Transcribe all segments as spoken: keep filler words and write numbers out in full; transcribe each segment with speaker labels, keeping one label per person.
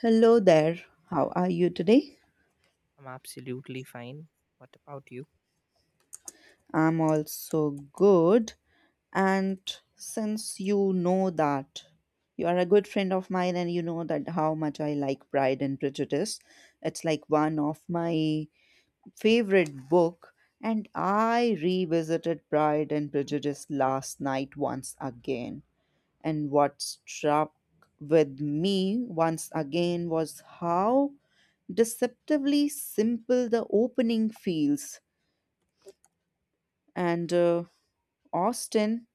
Speaker 1: Hello there. How are you today?
Speaker 2: I'm absolutely fine. What about you?
Speaker 1: I'm also good. And since you know that you are a good friend of mine and you know that how much I like Pride and Prejudice, it's like one of my favorite book, and I revisited Pride and Prejudice last night once again. And what struck with me once again was how deceptively simple the opening feels, and uh, Austin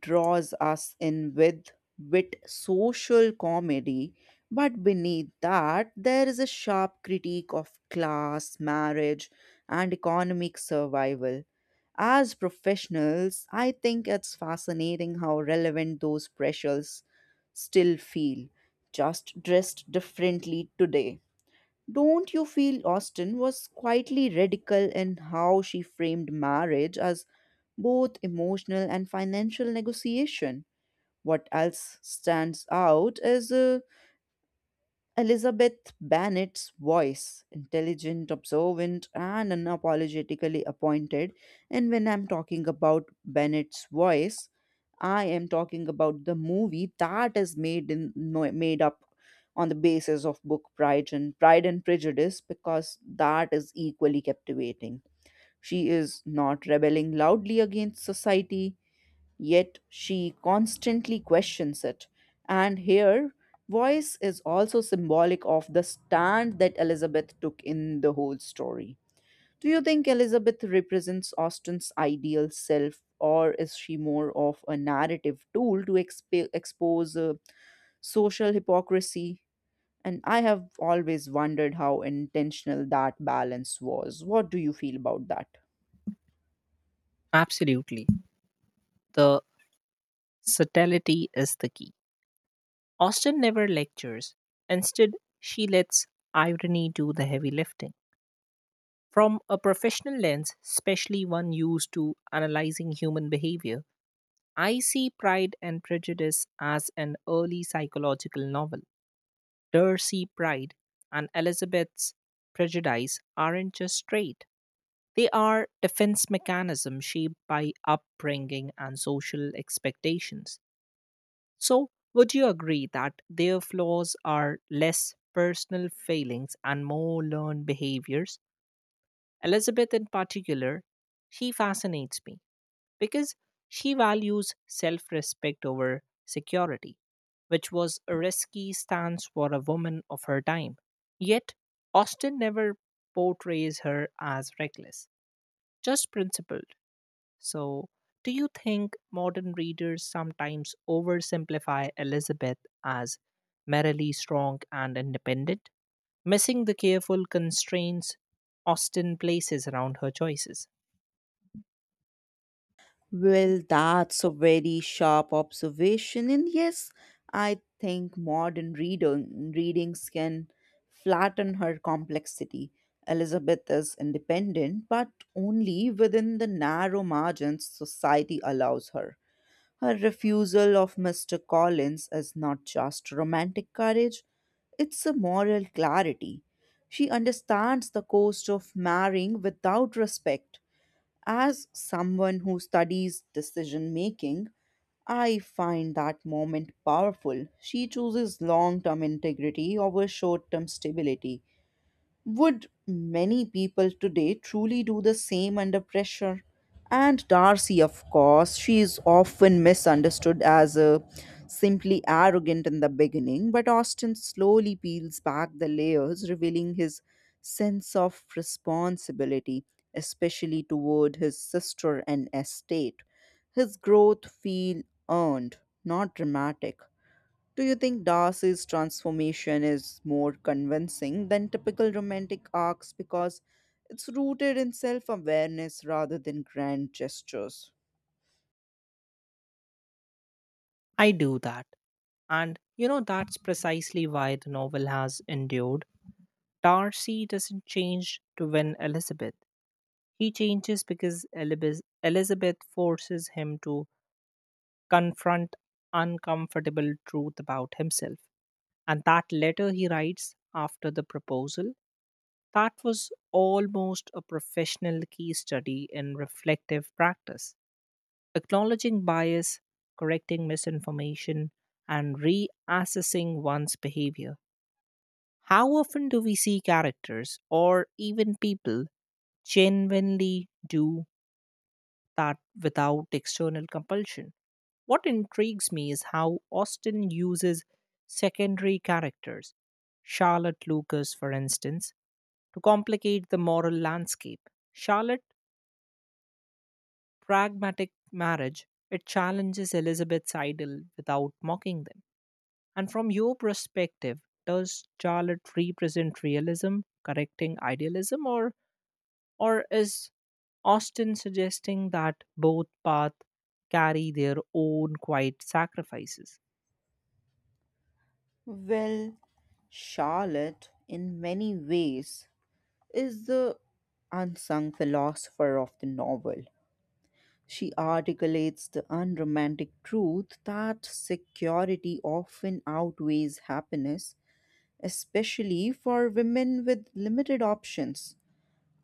Speaker 1: draws us in with wit social comedy, but beneath that, there is a sharp critique of class, marriage, and economic survival. As professionals, I think it's fascinating how relevant those pressures still feel, just dressed differently today. Don't you feel Austen was quietly radical in how she framed marriage as both emotional and financial negotiation? What else stands out is uh, Elizabeth Bennet's voice, intelligent, observant, and unapologetically appointed. And when I'm talking about Bennet's voice, I am talking about the movie that is made in no- made up on the basis of book Pride and Pride and Prejudice because that is equally captivating. She is not rebelling loudly against society. Yet she constantly questions it. And here, voice is also symbolic of the stand that Elizabeth took in the whole story. Do you think Elizabeth represents Austen's ideal self, or is she more of a narrative tool to exp- expose uh, social hypocrisy? And I have always wondered how intentional that balance was. What do you feel about that?
Speaker 2: Absolutely. The subtlety is the key. Austin never lectures. Instead, she lets irony do the heavy lifting. From a professional lens, especially one used to analyzing human behavior, I see Pride and Prejudice as an early psychological novel. Darcy Pride and Elizabeth's Prejudice aren't just straight. They are defense mechanisms shaped by upbringing and social expectations. So, would you agree that their flaws are less personal failings and more learned behaviors? Elizabeth, in particular, she fascinates me because she values self respect over security, which was a risky stance for a woman of her time. Yet, Austin never portrays her as reckless, just principled. So, do you think modern readers sometimes oversimplify Elizabeth as merrily strong and independent, missing the careful constraints Austen places around her choices?
Speaker 1: Well, that's a very sharp observation, and yes, I think modern reading readings can flatten her complexity. Elizabeth is independent, but only within the narrow margins society allows her. Her refusal of Mister Collins is not just romantic courage, it's a moral clarity. She understands the cost of marrying without respect. As someone who studies decision making, I find that moment powerful. She chooses long term integrity over short term stability. Would many people today truly do the same under pressure? And Darcy, of course, she is often misunderstood as a simply arrogant in the beginning, but Austin slowly peels back the layers, revealing his sense of responsibility, especially toward his sister and estate. His growth feel earned, not dramatic. Do you think Darcy's transformation is more convincing than typical romantic arcs because it's rooted in self awareness rather than grand gestures?
Speaker 2: I do that. And you know, that's precisely why the novel has endured. Darcy doesn't change to win Elizabeth. He changes because Elibis- Elizabeth forces him to confront uncomfortable truth about himself. And that letter he writes after the proposal, that was almost a professional case study in reflective practice, acknowledging bias, correcting misinformation, and reassessing one's behavior. How often do we see characters or even people genuinely do that without external compulsion? What intrigues me is how Austen uses secondary characters, Charlotte Lucas, for instance, to complicate the moral landscape. Charlotte's pragmatic marriage, it challenges Elizabeth's ideal without mocking them. And from your perspective, does Charlotte represent realism, correcting idealism, or Or is Austin suggesting that both paths carry their own quiet sacrifices?
Speaker 1: Well, Charlotte, in many ways, is the unsung philosopher of the novel. She articulates the unromantic truth that security often outweighs happiness, especially for women with limited options.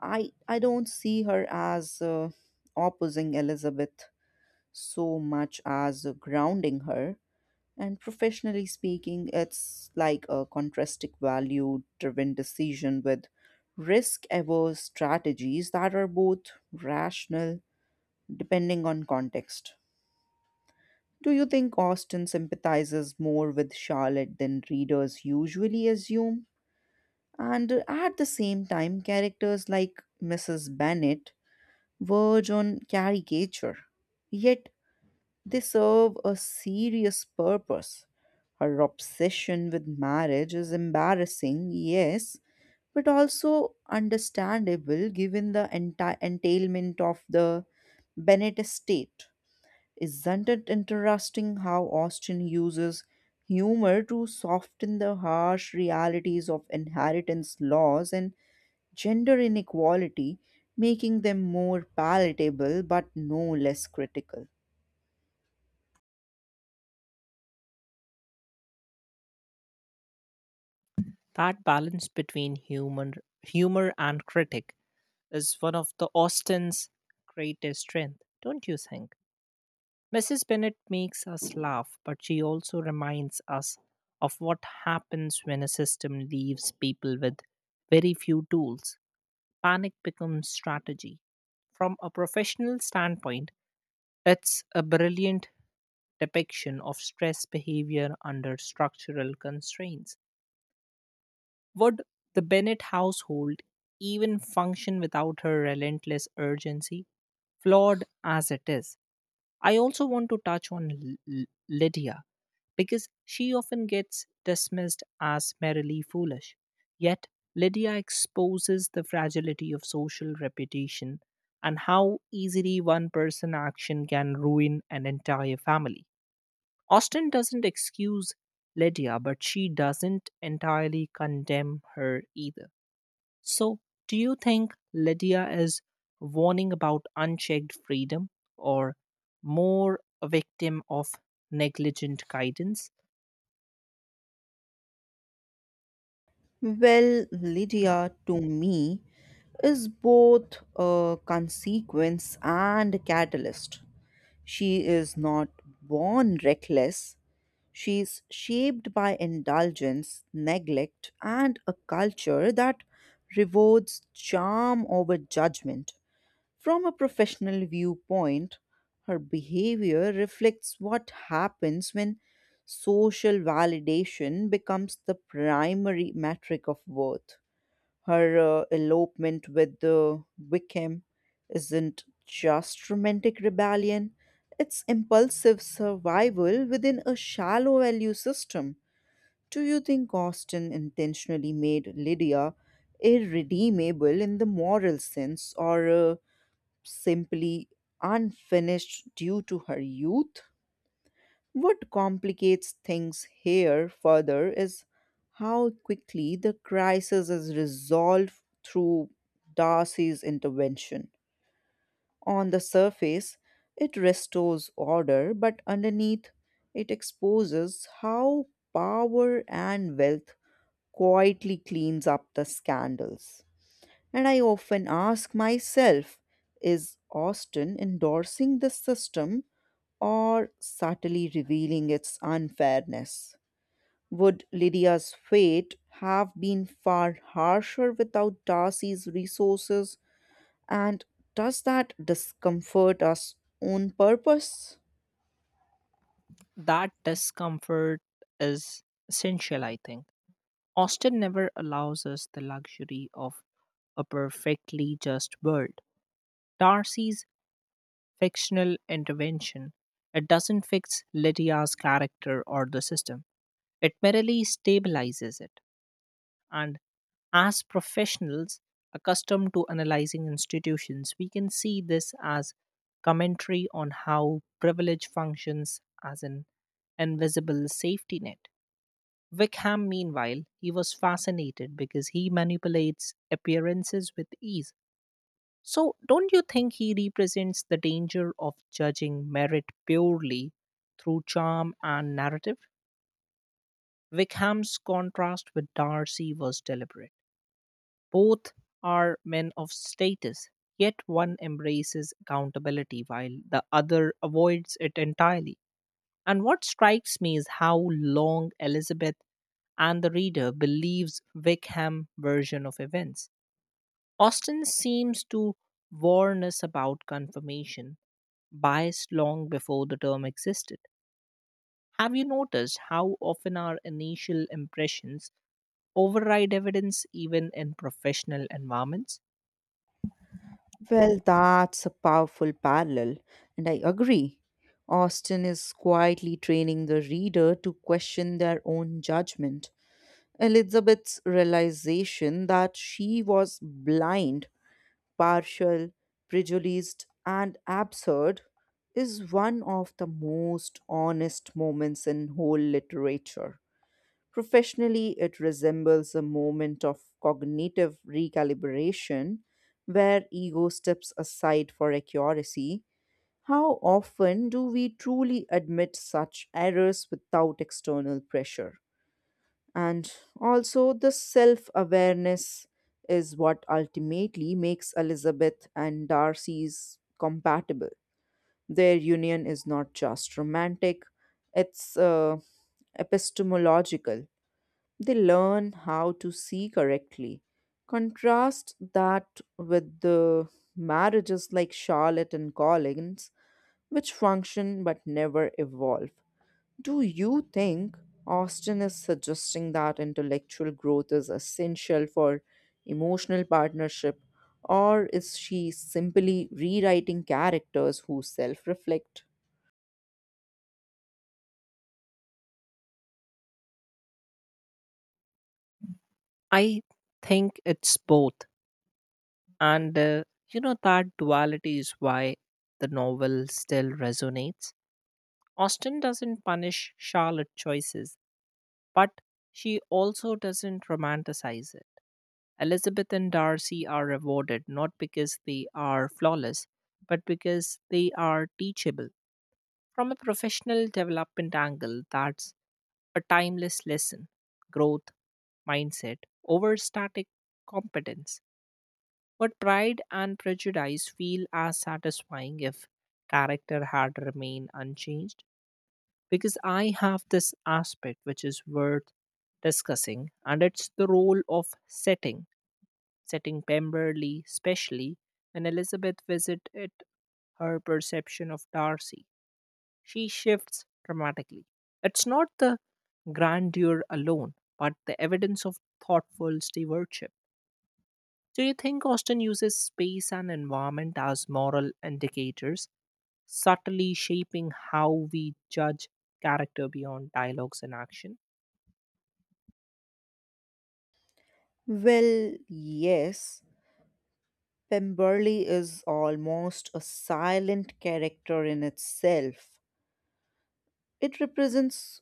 Speaker 1: I I don't see her as uh, opposing Elizabeth so much as uh, grounding her. And professionally speaking, it's like a contrastic value driven decision with risk averse strategies that are both rational depending on context. Do you think Austin sympathizes more with Charlotte than readers usually assume? And at the same time, characters like Missus Bennet verge on caricature, yet they serve a serious purpose. Her obsession with marriage is embarrassing, yes, but also understandable given the enti- entailment of the Bennett estate. Isn't it interesting how Austin uses humor to soften the harsh realities of inheritance laws and gender inequality, making them more palatable but no less critical.
Speaker 2: That balance between human, humor and critic is one of the Austin's greatest strength, don't you think? Missus Bennett makes us laugh, but she also reminds us of what happens when a system leaves people with very few tools. Panic becomes strategy. From a professional standpoint, it's a brilliant depiction of stress behavior under structural constraints. Would the Bennett household even function without her relentless urgency, flawed as it is? I also want to touch on L- L- Lydia because she often gets dismissed as merely foolish. Yet, Lydia exposes the fragility of social reputation and how easily one person action can ruin an entire family. Austen doesn't excuse Lydia, but she doesn't entirely condemn her either. So, do you think Lydia is warning about unchecked freedom or more a victim of negligent guidance?
Speaker 1: Well, Lydia, to me, is both a consequence and a catalyst. She is not born reckless. She is shaped by indulgence, neglect, and a culture that rewards charm over judgment. From a professional viewpoint, her behavior reflects what happens when social validation becomes the primary metric of worth. Her uh, elopement with the Wickham isn't just romantic rebellion, it's impulsive survival within a shallow value system. Do you think Austin intentionally made Lydia irredeemable in the moral sense, or Uh, simply unfinished due to her youth? What complicates things here further is how quickly the crisis is resolved through Darcy's intervention. On the surface, it restores order, but underneath, it exposes how power and wealth quietly cleans up the scandals. And I often ask myself, is Austin endorsing the system or subtly revealing its unfairness? Would Lydia's fate have been far harsher without Darcy's resources? And does that discomfort us on purpose?
Speaker 2: That discomfort is essential, I think. Austen never allows us the luxury of a perfectly just world. Darcy's fictional intervention. It doesn't fix Lydia's character or the system, it merely stabilizes it. And as professionals accustomed to analyzing institutions, we can see this as commentary on how privilege functions as an invisible safety net. Wickham, meanwhile, he was fascinated because he manipulates appearances with ease. So, don't you think he represents the danger of judging merit purely through charm and narrative? Wickham's contrast with Darcy was deliberate. Both are men of status, yet one embraces accountability while the other avoids it entirely. And what strikes me is how long Elizabeth and the reader believes Wickham version of events. Austin seems to warn us about confirmation biased long before the term existed. Have you noticed how often our initial impressions override evidence even in professional environments?
Speaker 1: Well, that's a powerful parallel, and I agree. Austin is quietly training the reader to question their own judgment. Elizabeth's realization that she was blind, partial, prejudiced, and absurd is one of the most honest moments in whole literature. Professionally, it resembles a moment of cognitive recalibration where ego steps aside for accuracy. How often do we truly admit such errors without external pressure? And also, the self awareness is what ultimately makes Elizabeth and Darcy's compatible. Their union is not just romantic, it's uh, epistemological. They learn how to see correctly. Contrast that with the marriages like Charlotte and Collins, which function but never evolve. Do you think Austin is suggesting that intellectual growth is essential for emotional partnership, or is she simply rewriting characters who self reflect?
Speaker 2: I think it's both. And uh, you know, that duality is why the novel still resonates. Austen doesn't punish Charlotte's choices, but she also doesn't romanticize it. Elizabeth and Darcy are rewarded not because they are flawless, but because they are teachable. From a professional development angle, that's a timeless lesson: growth, mindset, over static competence. But Pride and Prejudice feel as satisfying if character had remained unchanged because I have this aspect which is worth discussing, and it's the role of setting setting Pemberley especially, and Elizabeth visits it her perception of Darcy. She shifts dramatically. It's not the grandeur alone, but the evidence of thoughtful stewardship. Do you think Austen uses space and environment as moral indicators, subtly shaping how we judge character beyond dialogues and action?
Speaker 1: Well, yes, Pemberley is almost a silent character in itself. It represents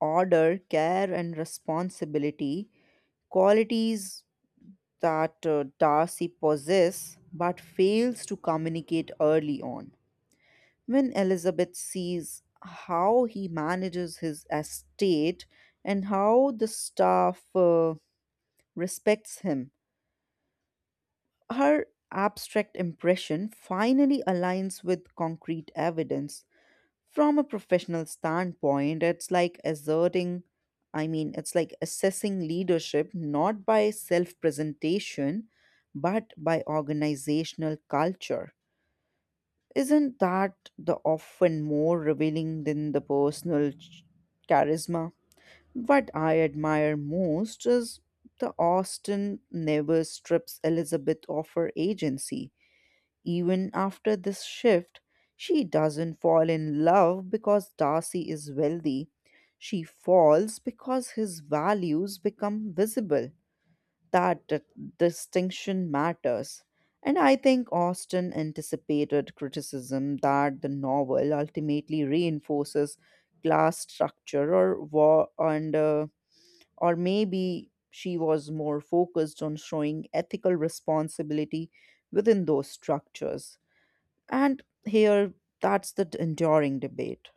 Speaker 1: order, care, and responsibility, qualities that uh, Darcy possesses but fails to communicate early on. When Elizabeth sees how he manages his estate and how the staff uh, respects him, her abstract impression finally aligns with concrete evidence. From a professional standpoint, it's like asserting, I mean, it's like assessing leadership not by self presentation, but by organizational culture. Isn't that the often more revealing than the personal ch- charisma? What I admire most is the Austen never strips Elizabeth of her agency. Even after this shift, she doesn't fall in love because Darcy is wealthy. She falls because his values become visible. That d- distinction matters. And I think Austen anticipated criticism that the novel ultimately reinforces class structure or war, and uh, or maybe she was more focused on showing ethical responsibility within those structures. And here, that's the d- enduring debate.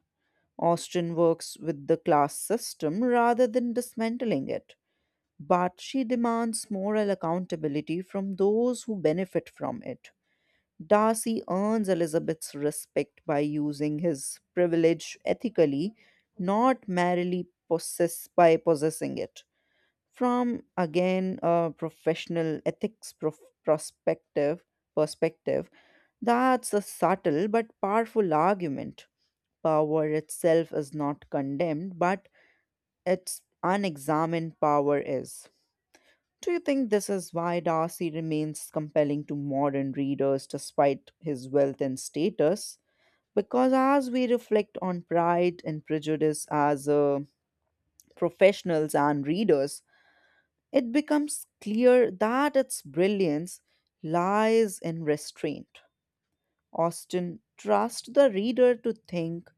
Speaker 1: Austen works with the class system rather than dismantling it, but she demands moral accountability from those who benefit from it. Darcy earns Elizabeth's respect by using his privilege ethically, not merely possess by possessing it. From again a professional ethics prof- prospective perspective, that's a subtle but powerful argument. Power itself is not condemned, but its unexamined power is. Do you think this is why Darcy remains compelling to modern readers despite his wealth and status? Because as we reflect on Pride and Prejudice as uh, professionals and readers, it becomes clear that its brilliance lies in restraint. Austen trusts the reader to think,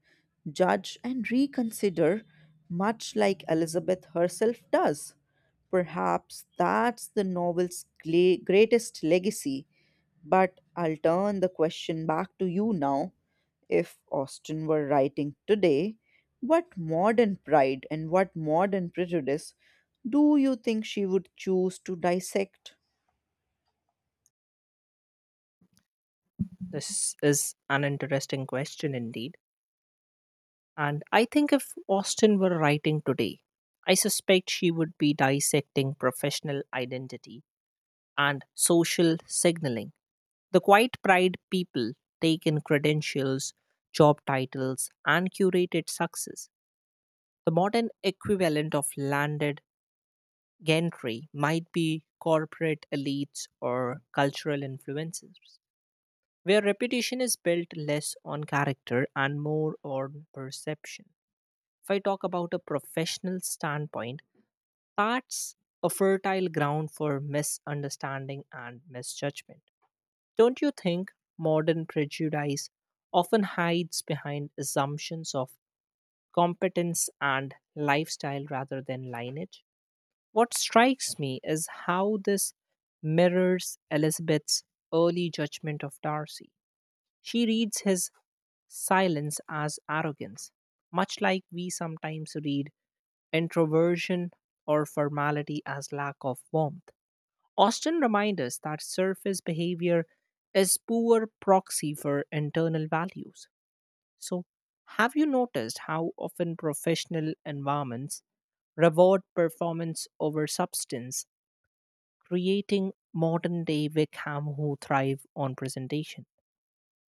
Speaker 1: judge, and reconsider, much like Elizabeth herself does. Perhaps that's the novel's gle- greatest legacy, but I'll turn the question back to you now. If Austen were writing today, what modern pride and what modern prejudice do you think she would choose to dissect?
Speaker 2: This is an interesting question indeed. And I think if Austin were writing today, I suspect she would be dissecting professional identity and social signaling. The quiet pride people take in credentials, job titles, and curated success. The modern equivalent of landed gentry might be corporate elites or cultural influences, where reputation is built less on character and more on perception. If I talk about a professional standpoint, that's a fertile ground for misunderstanding and misjudgment. Don't you think modern prejudice often hides behind assumptions of competence and lifestyle rather than lineage? What strikes me is how this mirrors Elizabeth's early judgment of Darcy. She reads his silence as arrogance, much like we sometimes read introversion or formality as lack of warmth. Austin reminds us that surface behavior is poor proxy for internal values. So, have you noticed how often professional environments reward performance over substance, creating modern day Wickham who thrive on presentation?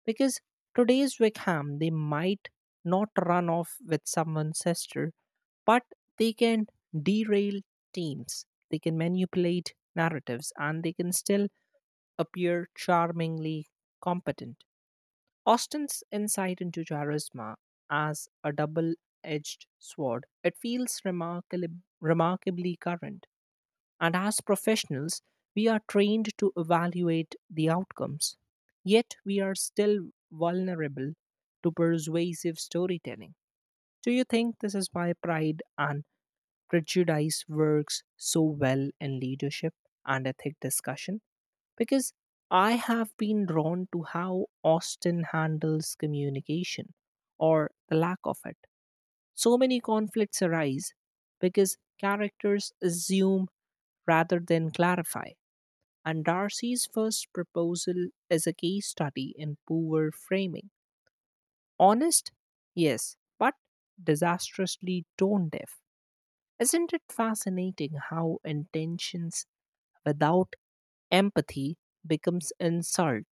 Speaker 2: Because today's Wickham, they might not run off with someone's sister, but they can derail teams, they can manipulate narratives, and they can still appear charmingly competent. Austin's insight into charisma as a double edged sword, it feels remarkably, remarkably current, and as professionals, we are trained to evaluate the outcomes. Yet we are still vulnerable to persuasive storytelling. Do you think this is why pride and prejudice works so well in leadership and ethic discussion? Because I have been drawn to how Austen handles communication or the lack of it. So many conflicts arise because characters assume rather than clarify. And Darcy's first proposal is a case study in poor framing. Honest? Yes, but disastrously tone deaf. Isn't it fascinating how intentions without empathy becomes insult,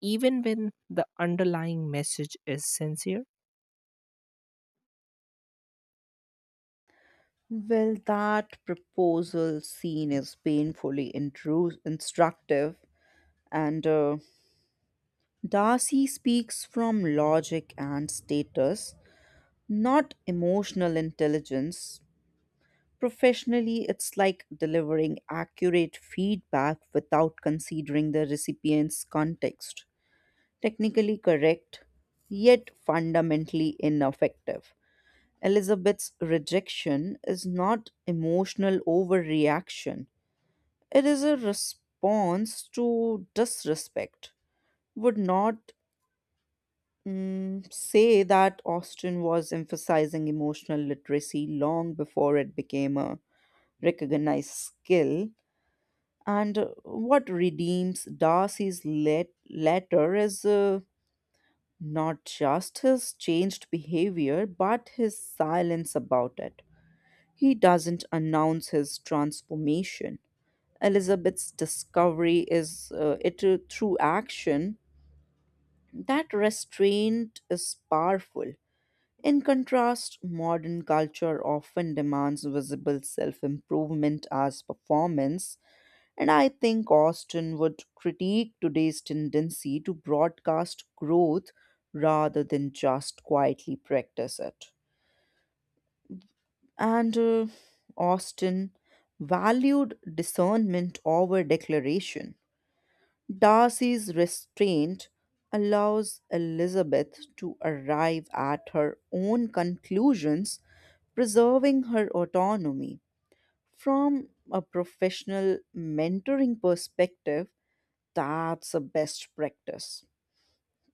Speaker 2: even when the underlying message is sincere?
Speaker 1: Well, that proposal scene is painfully intru- instructive, and uh, Darcy speaks from logic and status, not emotional intelligence. Professionally, it's like delivering accurate feedback without considering the recipient's context. Technically correct, yet fundamentally ineffective. Elizabeth's rejection is not emotional overreaction, it is a response to disrespect. Would not Mm, say that Austin was emphasizing emotional literacy long before it became a recognized skill. And uh, what redeems Darcy's let- letter is uh, not just his changed behavior, but his silence about it. He doesn't announce his transformation. Elizabeth's discovery is uh, it uh, through action. That restraint is powerful. In contrast, modern culture often demands visible self improvement as performance, and I think Austin would critique today's tendency to broadcast growth rather than just quietly practice it. And uh, Austin valued discernment over declaration. Darcy's restraint allows Elizabeth to arrive at her own conclusions, preserving her autonomy. From a professional mentoring perspective, that's a best practice.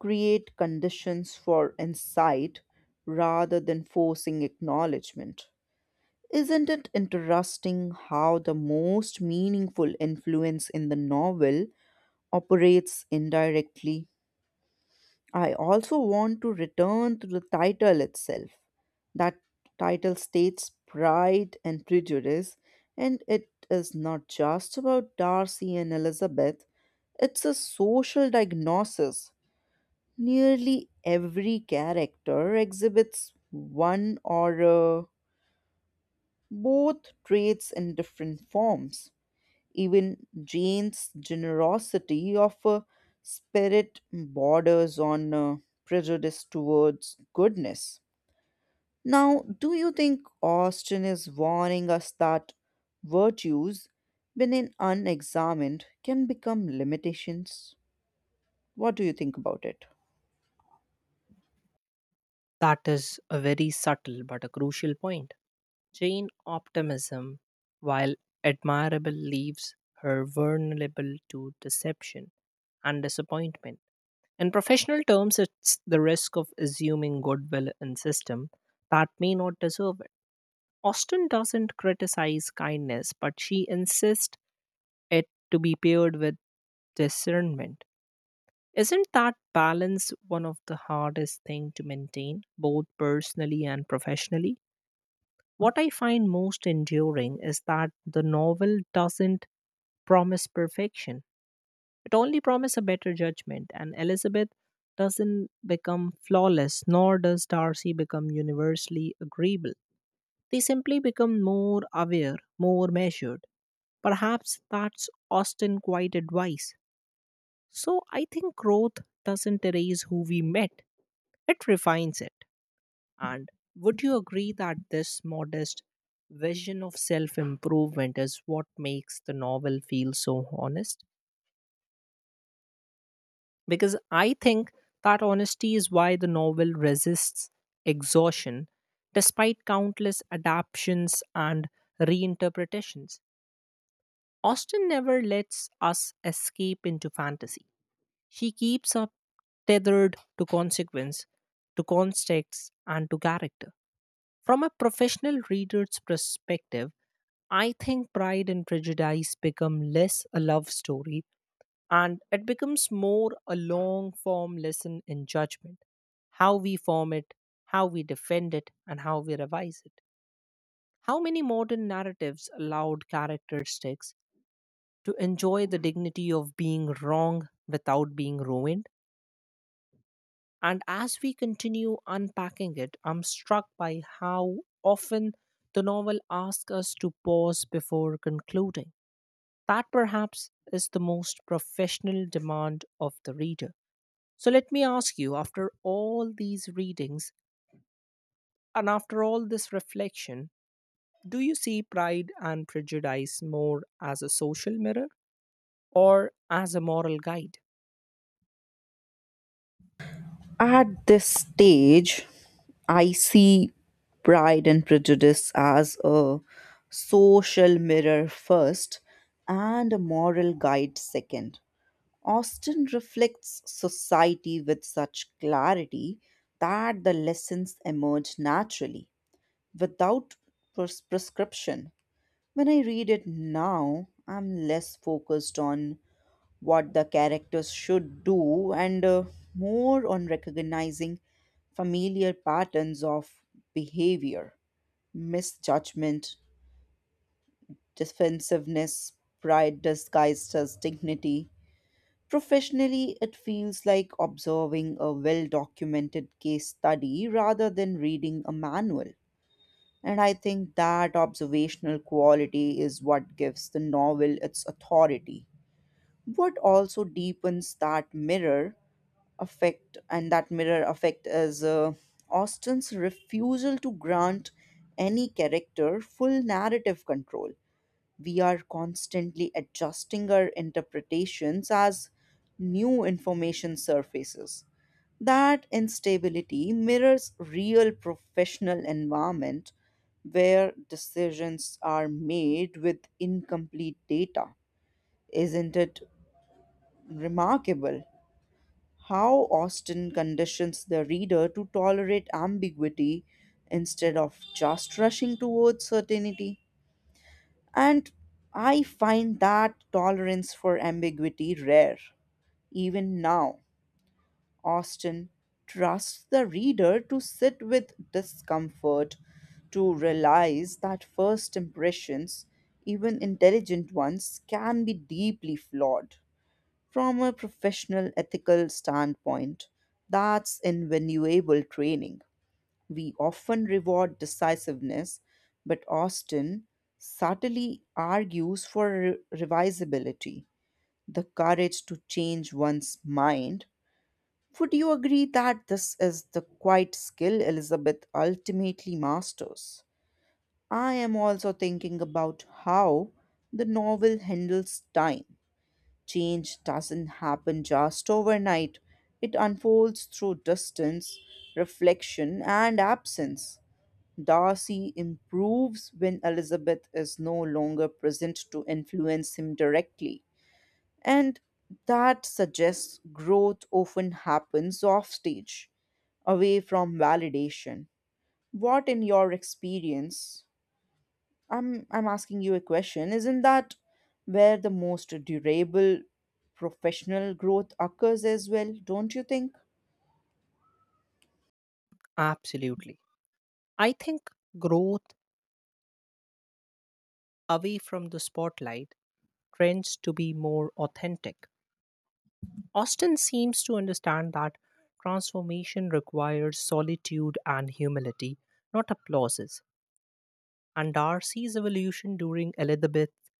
Speaker 1: Create conditions for insight rather than forcing acknowledgement. Isn't it interesting how the most meaningful influence in the novel operates indirectly? I also want to return to the title itself. That title states Pride and Prejudice, and it is not just about Darcy and Elizabeth, it's a social diagnosis. Nearly every character exhibits one or uh, both traits in different forms. Even Jane's generosity of uh, spirit borders on uh, prejudice towards goodness. Now, do you think Austin is warning us that virtues, when in unexamined, can become limitations? What do you think about it?
Speaker 2: That is a very subtle but a crucial point. Jane optimism, while admirable, leaves her vulnerable to deception and disappointment. In professional terms, it's the risk of assuming goodwill in system that may not deserve it. Austin doesn't criticize kindness, but she insists it to be paired with discernment. Isn't that balance one of the hardest thing to maintain, both personally and professionally? What I find most enduring is that the novel doesn't promise perfection. It only promises a better judgment, and Elizabeth doesn't become flawless, nor does Darcy become universally agreeable. They simply become more aware, more measured. Perhaps that's Austen quite advice. So I think growth doesn't erase who we met, it refines it. And would you agree that this modest vision of self improvement is what makes the novel feel so honest? Because I think that honesty is why the novel resists exhaustion despite countless adaptations and reinterpretations. Austen never lets us escape into fantasy. She keeps us tethered to consequence, to context, and to character. From a professional reader's perspective, I think Pride and Prejudice become less a love story and it becomes more a long form lesson in judgment. How we form it, how we defend it, and how we revise it. How many modern narratives allowed characteristics to enjoy the dignity of being wrong without being ruined? And as we continue unpacking it, I'm struck by how often the novel asks us to pause before concluding. That perhaps is the most professional demand of the reader. So let me ask you, after all these readings and after all this reflection, do you see Pride and Prejudice more as a social mirror or as a moral guide?
Speaker 1: At this stage, I see Pride and Prejudice as a social mirror first and a moral guide second. Austen reflects society with such clarity that the lessons emerge naturally without pres- prescription. When I read it now, I'm less focused on what the characters should do, and uh, more on recognizing familiar patterns of behavior, misjudgment, defensiveness, pride disguised as dignity. Professionally, it feels like observing a well documented case study rather than reading a manual. And I think that observational quality is what gives the novel its authority. What also deepens that mirror effect and that mirror effect is uh, Austen's refusal to grant any character full narrative control. We are constantly adjusting our interpretations as new information surfaces. That instability mirrors real professional environment where decisions are made with incomplete data. Isn't it remarkable how Austen conditions the reader to tolerate ambiguity instead of just rushing towards certainty? And I find that tolerance for ambiguity rare. Even now, Austen trusts the reader to sit with discomfort, to realize that first impressions, even intelligent ones, can be deeply flawed. From a professional ethical standpoint, that's invaluable training. We often reward decisiveness, but Austin subtly argues for re- revisability, the courage to change one's mind. Would you agree that this is the quiet skill Elizabeth ultimately masters? I am also thinking about how the novel handles time. Change doesn't happen just overnight, it unfolds through distance, reflection, and absence. Darcy improves when Elizabeth is no longer present to influence him directly, and that suggests growth often happens offstage, away from validation. What, in your experience, I'm I'm asking you a question. Isn't that where the most durable professional growth occurs as well, don't you think?
Speaker 2: Absolutely. I think growth away from the spotlight trends to be more authentic. Austin seems to understand that transformation requires solitude and humility, not applauses. And Darcy's evolution during Elizabeth's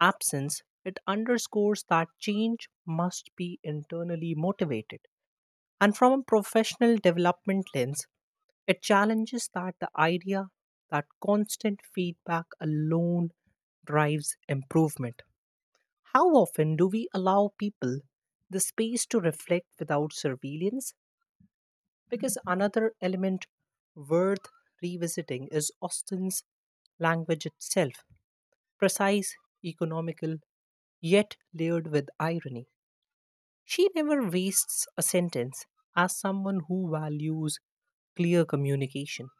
Speaker 2: absence, it underscores that change must be internally motivated. And from a professional development lens, it challenges that the idea that constant feedback alone drives improvement. How often do we allow people the space to reflect without surveillance? Because another element worth revisiting is Austen's language itself, precise, economical, yet layered with irony. She never wastes a sentence as someone who values clear communication.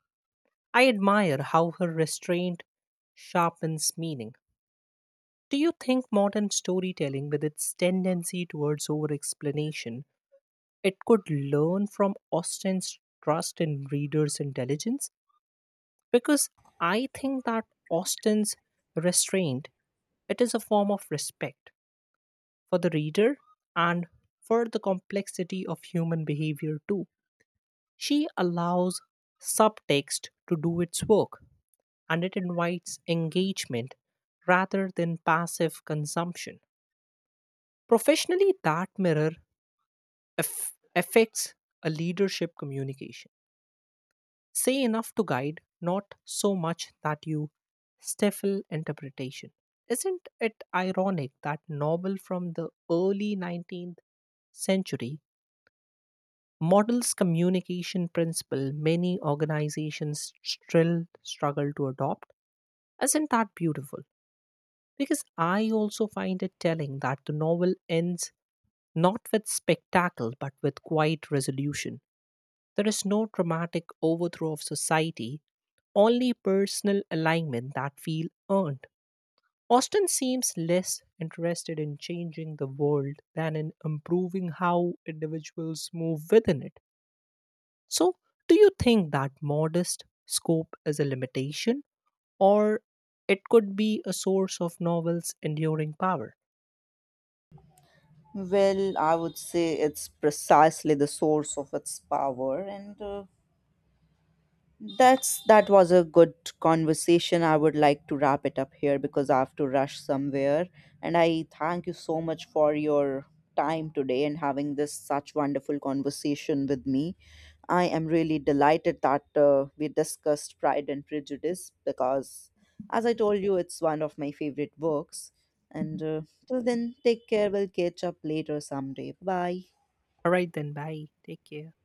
Speaker 2: I admire how her restraint sharpens meaning. Do you think modern storytelling, with its tendency towards over explanation, it could learn from Austen's trust in readers' intelligence? Because I think that Austen's restraint, it is a form of respect for the reader and for the complexity of human behavior too. She allows subtext to do its work, and it invites engagement rather than passive consumption. Professionally, that mirror aff affects a leadership communication. Say enough to guide, not so much that you stifle interpretation. Isn't it ironic that novel from the early nineteenth century models communication principle many organizations still struggle to adopt? Isn't that beautiful? Because I also find it telling that the novel ends not with spectacle but with quiet resolution. There is no dramatic overthrow of society, only personal alignment that feel earned. Austin seems less interested in changing the world than in improving how individuals move within it. So, do you think that modest scope is a limitation or it could be a source of novel's enduring power?
Speaker 1: Well, I would say it's precisely the source of its power, and uh, that's that was a good conversation. I would like to wrap it up here because I have to rush somewhere, and I thank you so much for your time today and having this such wonderful conversation with me. I am really delighted that uh, we discussed Pride and Prejudice because, as I told you, it's one of my favorite books. And uh, till then, take care. We'll catch up later someday. Bye.
Speaker 2: All right, then, bye. Take care.